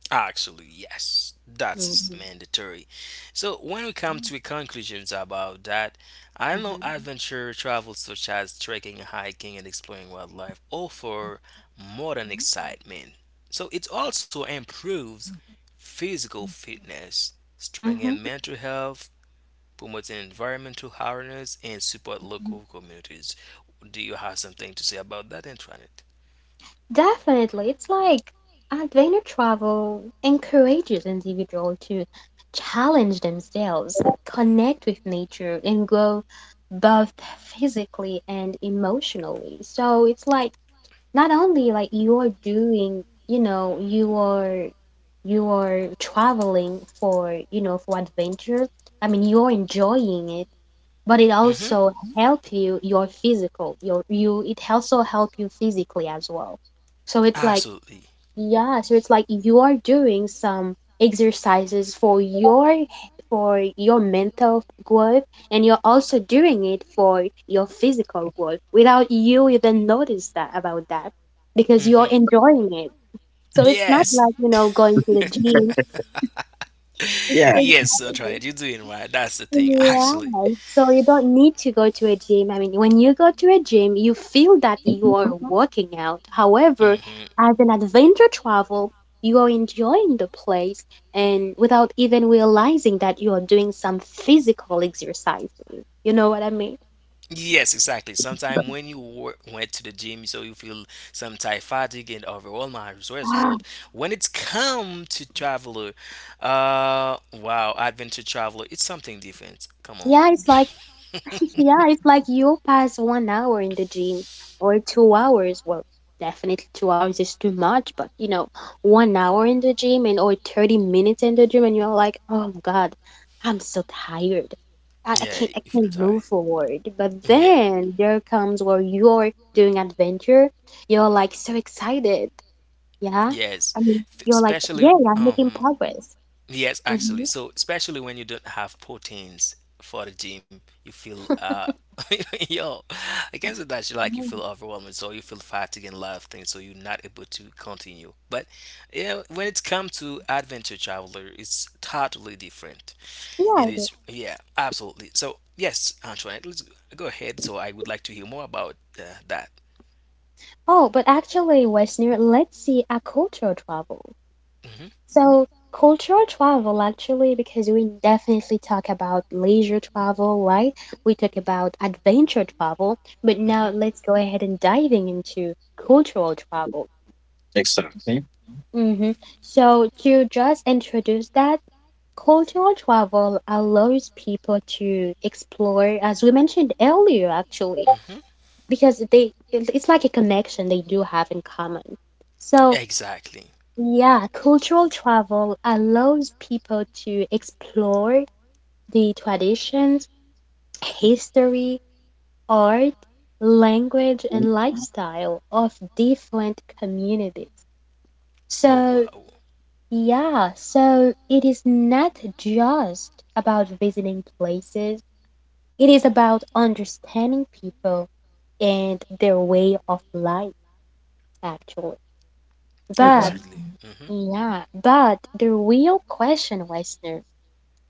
Actually, yes, that is Hmm. mandatory. So when we come to conclusions about that, I know adventure travel such as trekking, hiking, and exploring wildlife offer more than excitement. So it also improves physical fitness, strengthening Hmm. mental health, promoting environmental awareness, and support local communities. Do you have something to say about that, Antoinette? Definitely. It's like adventure travel encourages individual to challenge themselves, connect with nature, and grow both physically and emotionally. So it's like not only like you are doing, you know, you are traveling for, for adventure. I mean, you're enjoying it, but it Mm-hmm. also help you your physical, your you it also help you physically as well. So it's like Absolutely. yeah, so it's like you are doing some exercises for your mental growth and you're also doing it for your physical growth without you even notice that about that because you're Mhm. enjoying it. So it's not Yes. like, going to the gym. It's Yeah, Yes, Trinidad, you're doing right. That's the thing, yeah, actually. so you don't need to go to a gym. I mean, when you go to a gym, you feel that you are Mhm. working out. However, hmm as an adventure travel, you are enjoying the place and without even realizing that you are doing some physical exercises. You know what I mean? Yes, exactly. Sometimes when you went to the gym, so you feel some type fatigue and overall my results. But when it's come to traveler, wow, adventure traveler, it's something different. Come on. Yeah, it's like yeah, it's like you pass 1 hour in the gym or 2 hours. Well, definitely 2 hours is too much, but you know, 1 hour in the gym and or 30 minutes in the gym, and you're like, oh my God, I'm so tired. Yeah, I you feel can't tired. move forward. But Yeah, then there comes where you're doing adventure, you're like so excited. Yeah. yes. I mean, you're like, yeah, Especially, I'm making progress. yes, Hmm. actually. So, especially when you don't have proteins for the gym, you feel yo, I can say that you like you feel overwhelmed, so you feel fatigued and a lot of things, so you're not able to continue. But you know, when it comes to adventure traveler, it's totally different. Yeah, It I did. is, yeah, absolutely. So yes, Antoinette, let's go ahead. So I would like to hear more about, that. Oh, but actually, Westner, let's see a cultural travel. hmm So cultural travel actually, because we definitely talk about leisure travel, right? We talk about adventure travel, but now let's go ahead and diving into cultural travel. exactly. Hmm. So to just introduce that, cultural travel allows people to explore, as we mentioned earlier, actually, hmm because they it's like a connection they do have in common. So Exactly. yeah, cultural travel allows people to explore the traditions, history, art, language, and lifestyle of different communities. Oh So, wow. yeah, so it is not just about visiting places, it is about understanding people and their way of life, actually. You're But, right. Absolutely. yeah, but the real question, Westner,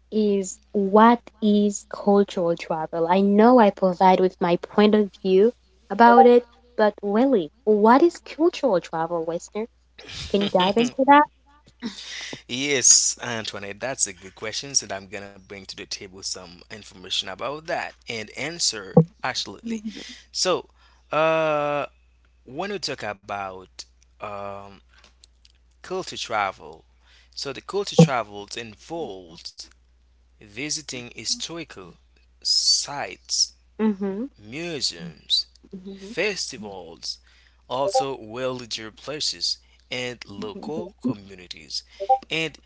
is what is cultural travel? I know I provide with my point of view about it, but really, what is cultural travel, listener? Can you dive hmm into that? Yes, Antoinette, that's a good question, and I'm gonna bring to the table some information about that and answer absolutely. Mm-hmm. So, uh, when we talk about, um, culture travel, so the culture travels involves visiting historical sites, Hmm. museums, festivals, also villager places and local communities. And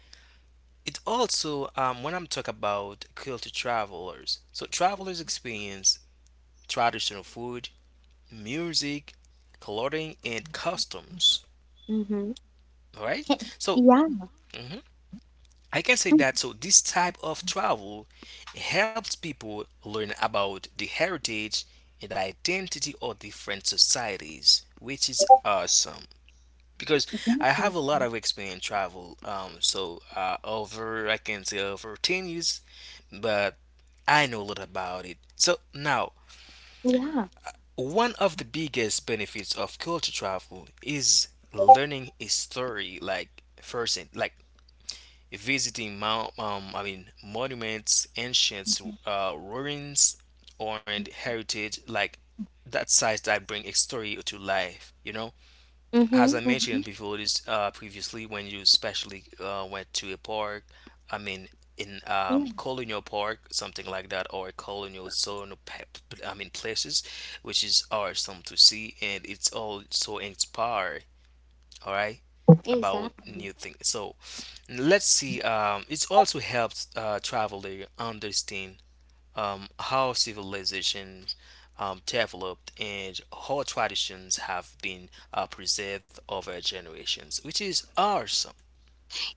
it also, when I'm talking about culture travelers, so travelers experience traditional food, music, clothing, and customs. Mm-hmm. All right. So Yeah. mhm, I can say Mm, that. So this type of travel helps people learn about the heritage and identity of different societies, which is awesome, because I exactly. have a lot of experience travel. So over I can say over 10 years, but I know a lot about it. So now, Yeah. one of the biggest benefits of culture travel is learning a story, like first, like visiting mount, I mean monuments, ancient, ruins, or heritage, like that size that bring a story to life. You know, Mm-hmm. as I Mm-hmm. mentioned before this, previously, when you especially, went to a park, I mean in, Yeah, colonial park, something like that, or a colonial zone, places, which is awesome to see, and it's all so inspired. All right, about exactly. new things. So let's see. It also helps, traveler understand, how civilizations, developed and how traditions have been, preserved over generations, which is awesome.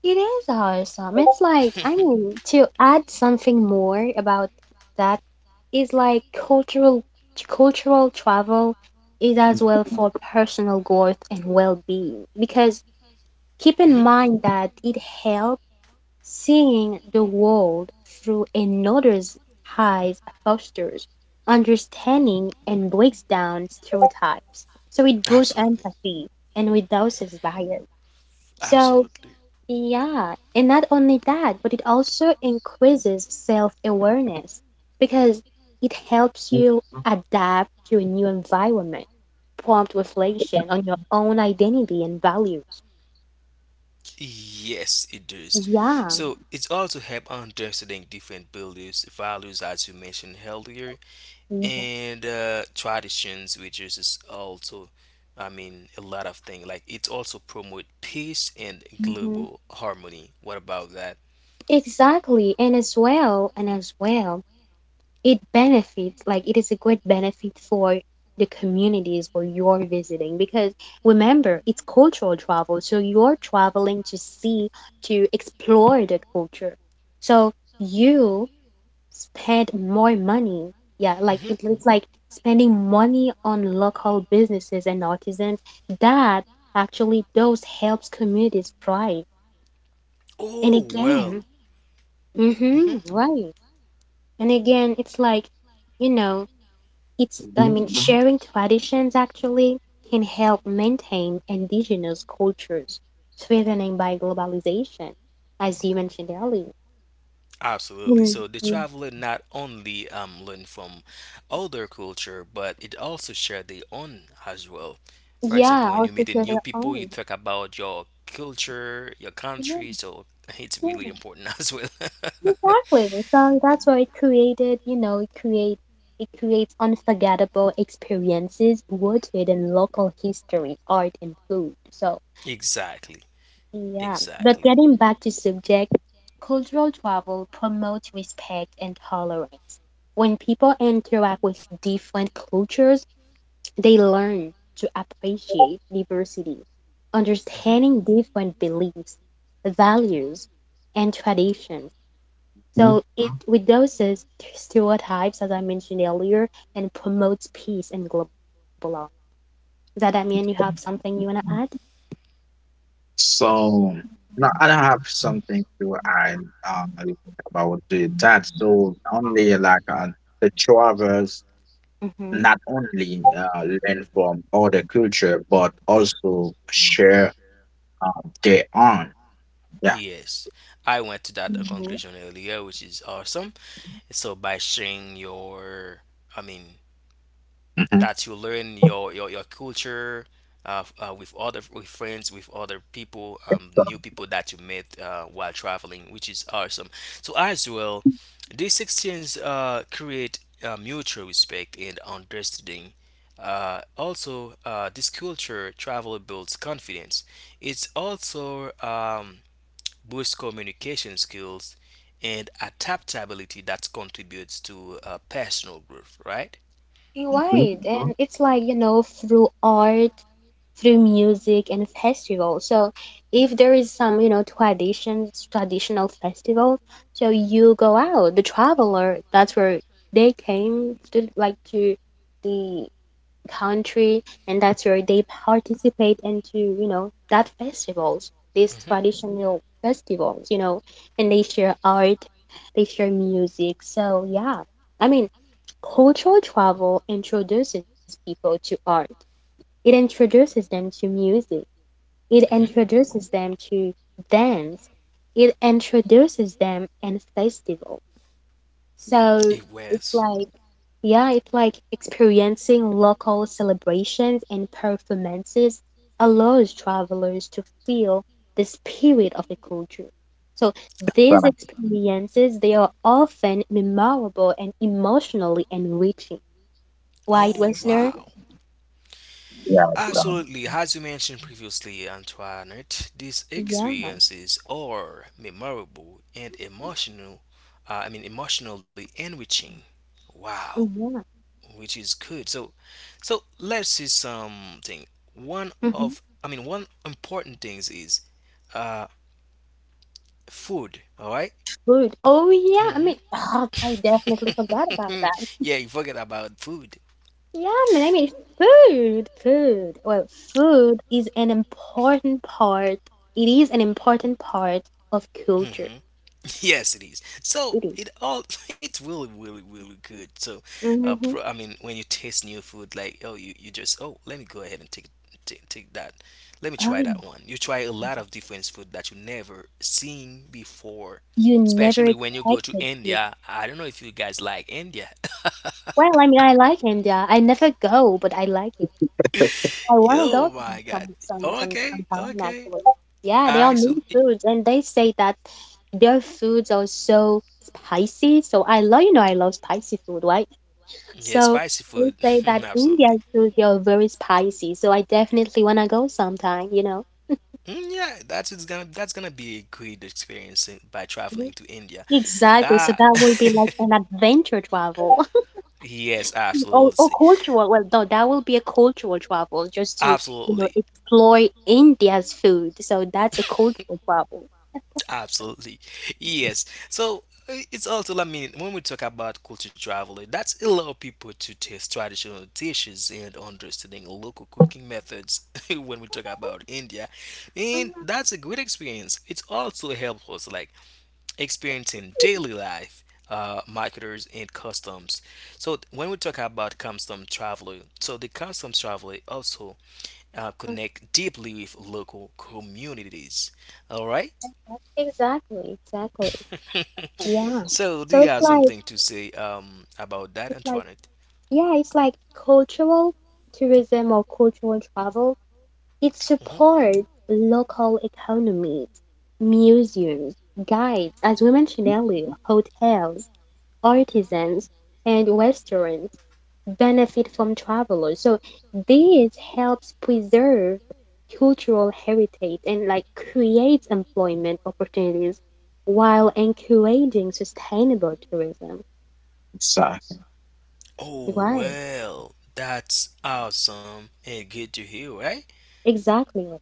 It is awesome. It's like, I mean, to add something more about that is like cultural travel is as well for personal growth and well-being, because keep in Mhm. mind that it helps seeing the world through another's eyes, fosters understanding and breaks down stereotypes. So it boosts Absolutely. empathy and reduces bias. So Absolutely. yeah, and not only that, but it also increases self-awareness because it helps you adapt to a new environment, prompt reflection on your own identity and values. Yes, it does. Yeah. So it's also help understanding different beliefs, values, as you mentioned earlier, Mhm. and traditions which is also I mean a lot of things like it also promote peace and Mhm. global harmony. What about that? Exactly. And as well, it benefits like it is a great benefit for the communities where you're visiting, because remember, it's cultural travel, so you're traveling to see, to explore the culture, so you spend more money, yeah, like Hmm. it looks like spending money on local businesses and artisans that actually those helps communities thrive. And Oh well. again, mm-hmm, Hmm. right, and again it's like, you know it's, I Mhm, mean, sharing traditions actually can help maintain indigenous cultures, threatening by globalization, as you mentioned earlier. Absolutely. So the Mm-hmm. traveler not only learn from other culture but it also share their own as well. For example, Yeah, when you also meet the share new their people you own. talk about your culture, your Yeah, country, so it's yeah, really important as well. exactly. So that's why it created, you know, it create it creates unforgettable experiences rooted in local history, art, and food. So. Exactly. Yeah, but Exactly. getting back to subject, cultural travel promotes respect and tolerance. When people interact with different cultures, they learn to appreciate diversity, Mhm. understanding different beliefs, values, and traditions. mhm. So it reduces stereotypes, as I mentioned earlier, and promotes peace and global law. Does that mean you have something you want to add? So no, I don't have something to add uh, about the that. So only like the travelers not only learn from other culture but also share uh, their own. Yeah. Yes, I went to that Mm-hmm. conclusion earlier, which is awesome. So by sharing your, I mean, Hmm. that you learn your culture with other with friends, with other people, new people that you met while traveling, which is awesome. So as well, these exchanges create mutual respect and understanding. Also, this culture travel builds confidence. It's also boost communication skills and adaptability that contributes to personal growth, right? You're Hmm. right. Mhm. And it's like, through art, through music and festival. So if there is some, traditions, traditional festival, so you go out, the traveler, that's where they came to like to the country, and that's where they participate into, that festivals, these Hmm. traditional festivals, and they share art, they share music. So yeah. I mean, cultural travel introduces people to art. It introduces them to music. It Hmm. introduces them to dance. It introduces them in festival. So It it's was. like, yeah, it's like experiencing local celebrations and performances allows travelers to feel the spirit of the culture. So So, these experiences, they are often memorable and emotionally enriching. White Oh, Westerner. wow. yeah. So, Absolutely. As you mentioned previously, Antoinette, these Yeah, experiences are memorable and emotional, I mean, emotionally enriching. Wow, yeah. which is good. So, so let's see something. One Hmm. of, I mean, one important things is uh, food, all right? Food. Oh yeah, I Mm-hmm. mean, oh, I definitely forgot about Yeah, that. you forget about food. Yeah, I mean, food. Well, food is an important part of culture. Hmm. Yes, it is. It So is. it all it's really, really, really good. So, Mm-hmm. I mean, when you taste new food, like oh, you just oh, let me go ahead and take take that. Let me Oh try that yeah. one. You try a lot of different food that you never seen before. You never Especially when you go to expected to. India. I don't know if you guys like India. Well, I mean, I like India. I never go, but I like it. I wanna Oh go my some God. some some some Okay, sometime okay. actually. Yeah, they are I so many foods, and they say that their foods are so spicy. So I love I love spicy food, right? yeah, So spicy they food. say that Absolutely. Indian food they are very spicy. So I definitely wanna go sometime. You know. Mm, yeah, that's it's gonna that's gonna be a great experience by Mhm. traveling to India. Exactly. So Ah, that will be like an adventure travel yes, or absolutely, cultural. Well, no, that will be a cultural travel just to, absolutely. explore India's food. So that's a cultural travel. Absolutely. Yes. So it's also, I mean, when we talk about culture travel, that's allow people to taste traditional dishes and understanding local cooking methods when we talk about India. And that's a great experience. It's also helps us like experiencing daily life, marketers and customs. So when we talk about custom traveler, so the customs traveler also connect deeply with local communities. All right? Exactly, exactly. Yeah. Mhm. So, do So you have something to say about that, it's like Antoinette? yeah, it's like cultural tourism or cultural travel. It Hmm. supports local economies, museums, guides, as we mentioned earlier, hotels, artisans, and restaurants benefit from travelers. So this helps preserve cultural heritage and like creates employment opportunities while encouraging sustainable tourism. so Oh Right. well, that's awesome and good to hear, right? Exactly.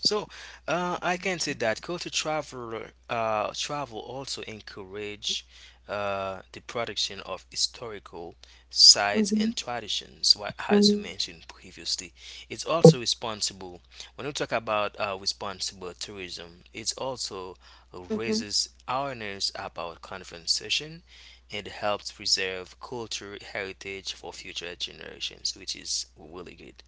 So, I can say that travel also encourage the production of historical sites Mm-hmm. and traditions. What as you mentioned previously, it's also responsible. When we talk about responsible tourism, it also Mm-hmm. raises awareness about conservation and helps preserve culture heritage for future generations, which is really good.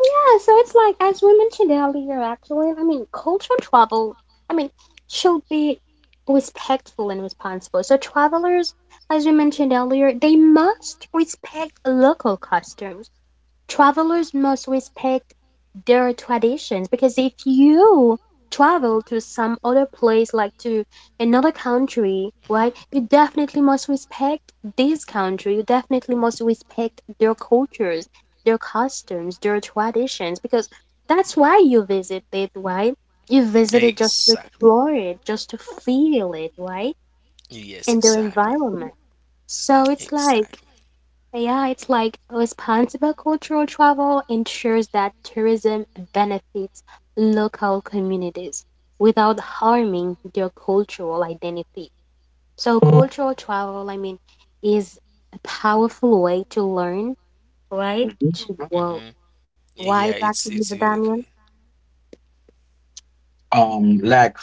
Yeah, so it's like as we mentioned earlier, actually, I mean, cultural travel, I mean, should be respectful and responsible. So travelers, as we mentioned earlier, they must respect local customs. Travelers must respect their traditions, because if you travel to some other place, like to another country, Hmm. right, you definitely must respect this country. You definitely must respect their cultures, their customs, their traditions, because that's why you visit it, right? You visit it just to Exactly. explore it, just to feel it, right? Yes, And their exactly. environment. So it's like Exactly. yeah, it's like responsible cultural travel ensures that tourism benefits local communities without harming their cultural identity. So, cultural travel, I mean, is a powerful way to learn, right? mhm. To Mhm. grow. Hmm. Yeah, Why, Dr. it's Eva really good. Damian? um, like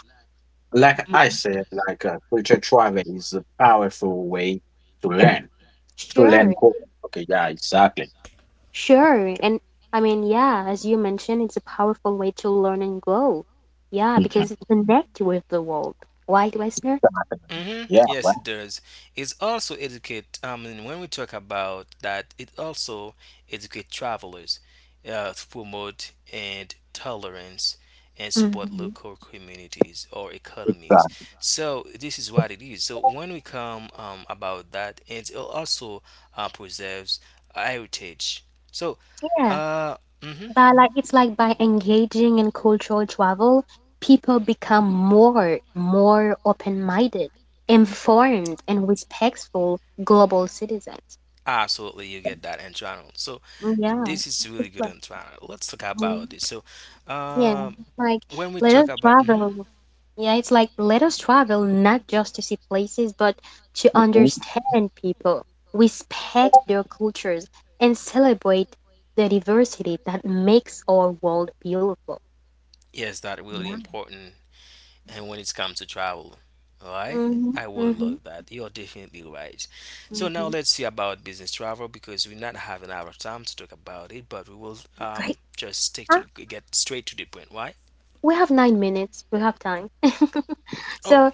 like I said, like culture travel is a powerful way to learn, to learn Sure, more. Okay, yeah, exactly. sure. And I mean, yeah, as you mentioned, it's a powerful way to learn and grow. Yeah, because Hmm. it connects with the world. Right, listener? Hmm. Yeah, Yes, it well, does. It's also educate. I mean, when we talk about that, it also educate travelers to promote and tolerance and support Mhm. local communities or economies. exactly. So this is what it is. So when we come about that, it also preserves heritage. So, Yeah. uh, mhm. But like it's like by engaging in cultural travel, people become more open-minded, informed, and respectful global citizens. Absolutely, you get that internal. So Yeah. this is It's really good like, internal. Let's talk mm, about this. So, yeah, um, like when we let talk us about mhm. travel. Yeah, it's like let us travel not just to see places, but to Mhm. understand people, respect their cultures, and celebrate the diversity that makes our world beautiful. Yes, that really important. And when it comes to travel, right? Hmm. I would Hmm. love that. You're definitely right. So now Hmm. let's see about business travel because we're not having a lot of time to talk about it, but we will Right? just stick to Huh? the, get straight to the point. Why? We have 9 minutes. We have time. Oh, So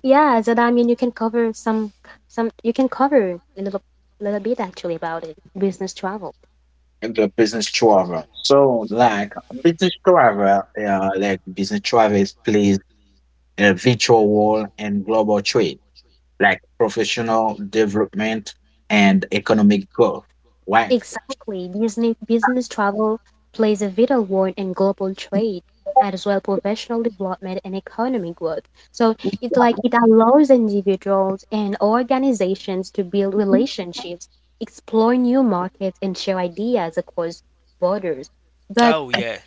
yeah, so that, I mean, you can cover some, you can cover a little bit actually about it. Business travel. And the business travel. So, like business travel plays a virtual role in global trade, like professional development and economic growth. Right. Exactly. Business travel plays a vital role in global trade as well professional development and economic growth. So it's like it allows individuals and organizations to build relationships, explore new markets, and share ideas across borders. But oh yeah.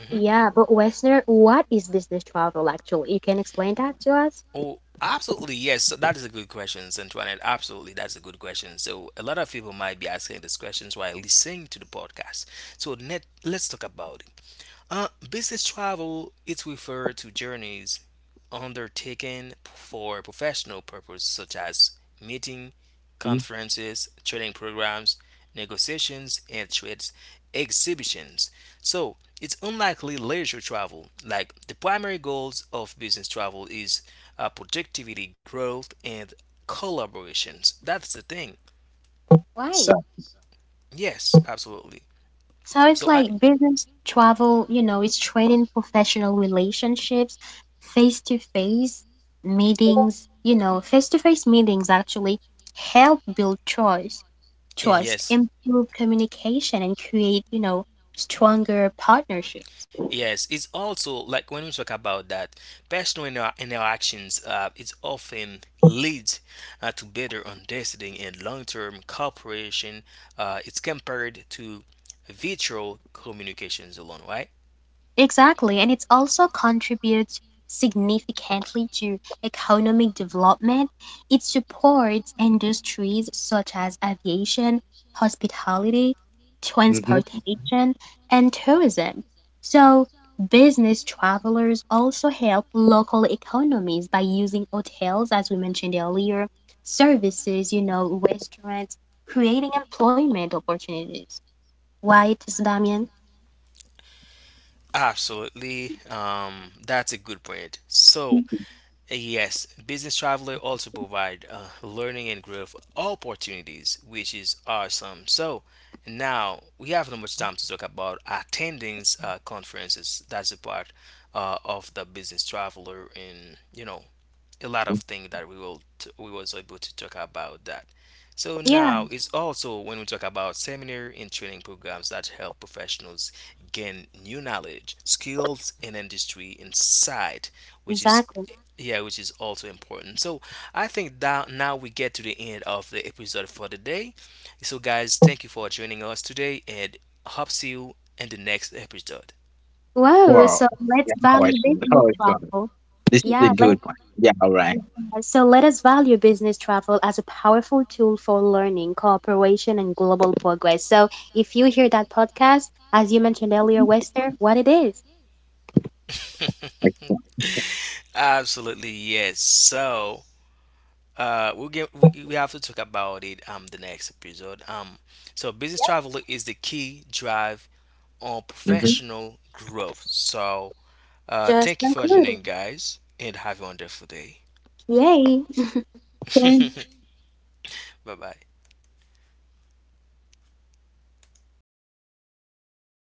Mm-hmm. yeah, but Westerner, what is business travel actually? You can explain that to us? Oh, absolutely. Yes. So that is a good question, Antoinette. Absolutely. That's a good question. So, a lot of people might be asking these questions while listening to the podcast. So, net, let's talk about it. Business travel, it's referred to journeys undertaken for professional purposes such as meeting, Mhm. conferences, training programs, negotiations, and trade exhibitions. So it's unlikely leisure travel. Like the primary goals of business travel is productivity, growth, and collaborations. That's the thing. Why? So, Yes, absolutely. So it's So I. like business travel, it's training professional relationships, face to face meetings, face to face meetings actually help build trust, Yeah, trust, yes. improve communication, and create, stronger partnerships. Yes, it's also like when we talk about that personal interactions, it often leads to better understanding and long-term cooperation. It's compared to virtual communications alone, right? Exactly, and it also contributes significantly to economic development. It supports industries such as aviation, hospitality, mhm. transportation, and tourism. So, business travelers also help local economies by using hotels, as we mentioned earlier, services, restaurants, creating employment opportunities. Right, Damien? Absolutely, that's a good point. So, yes, business traveler also provide learning and growth opportunities, which is awesome. So now we have not much time to talk about attending conferences. That's a part of the business traveler, and you know a lot of things that we was able to talk about that. So now Yeah, it's also when we talk about seminar and training programs that help professionals gain new knowledge, skills, and industry insight, which is exactly. yeah, which is also important. So I think that now we get to the end of the episode for the day. So guys, thank you for joining us today, and hope see you in the next episode. Wow, Wow. so let's Yeah, now I value see. business Now I see. travel. This is a Yeah, let good one. Yeah, all right. so let us value business travel as a powerful tool for learning, cooperation, and global progress. So if you hear that podcast, as you mentioned earlier, Wester, what it is, Absolutely yes. So. Uh, we'll we have to talk about it the next episode so business travel is the key drive on Mhm. professional growth. So just thank you for conclude. joining guys and have a wonderful day. Yay! Okay. Bye bye.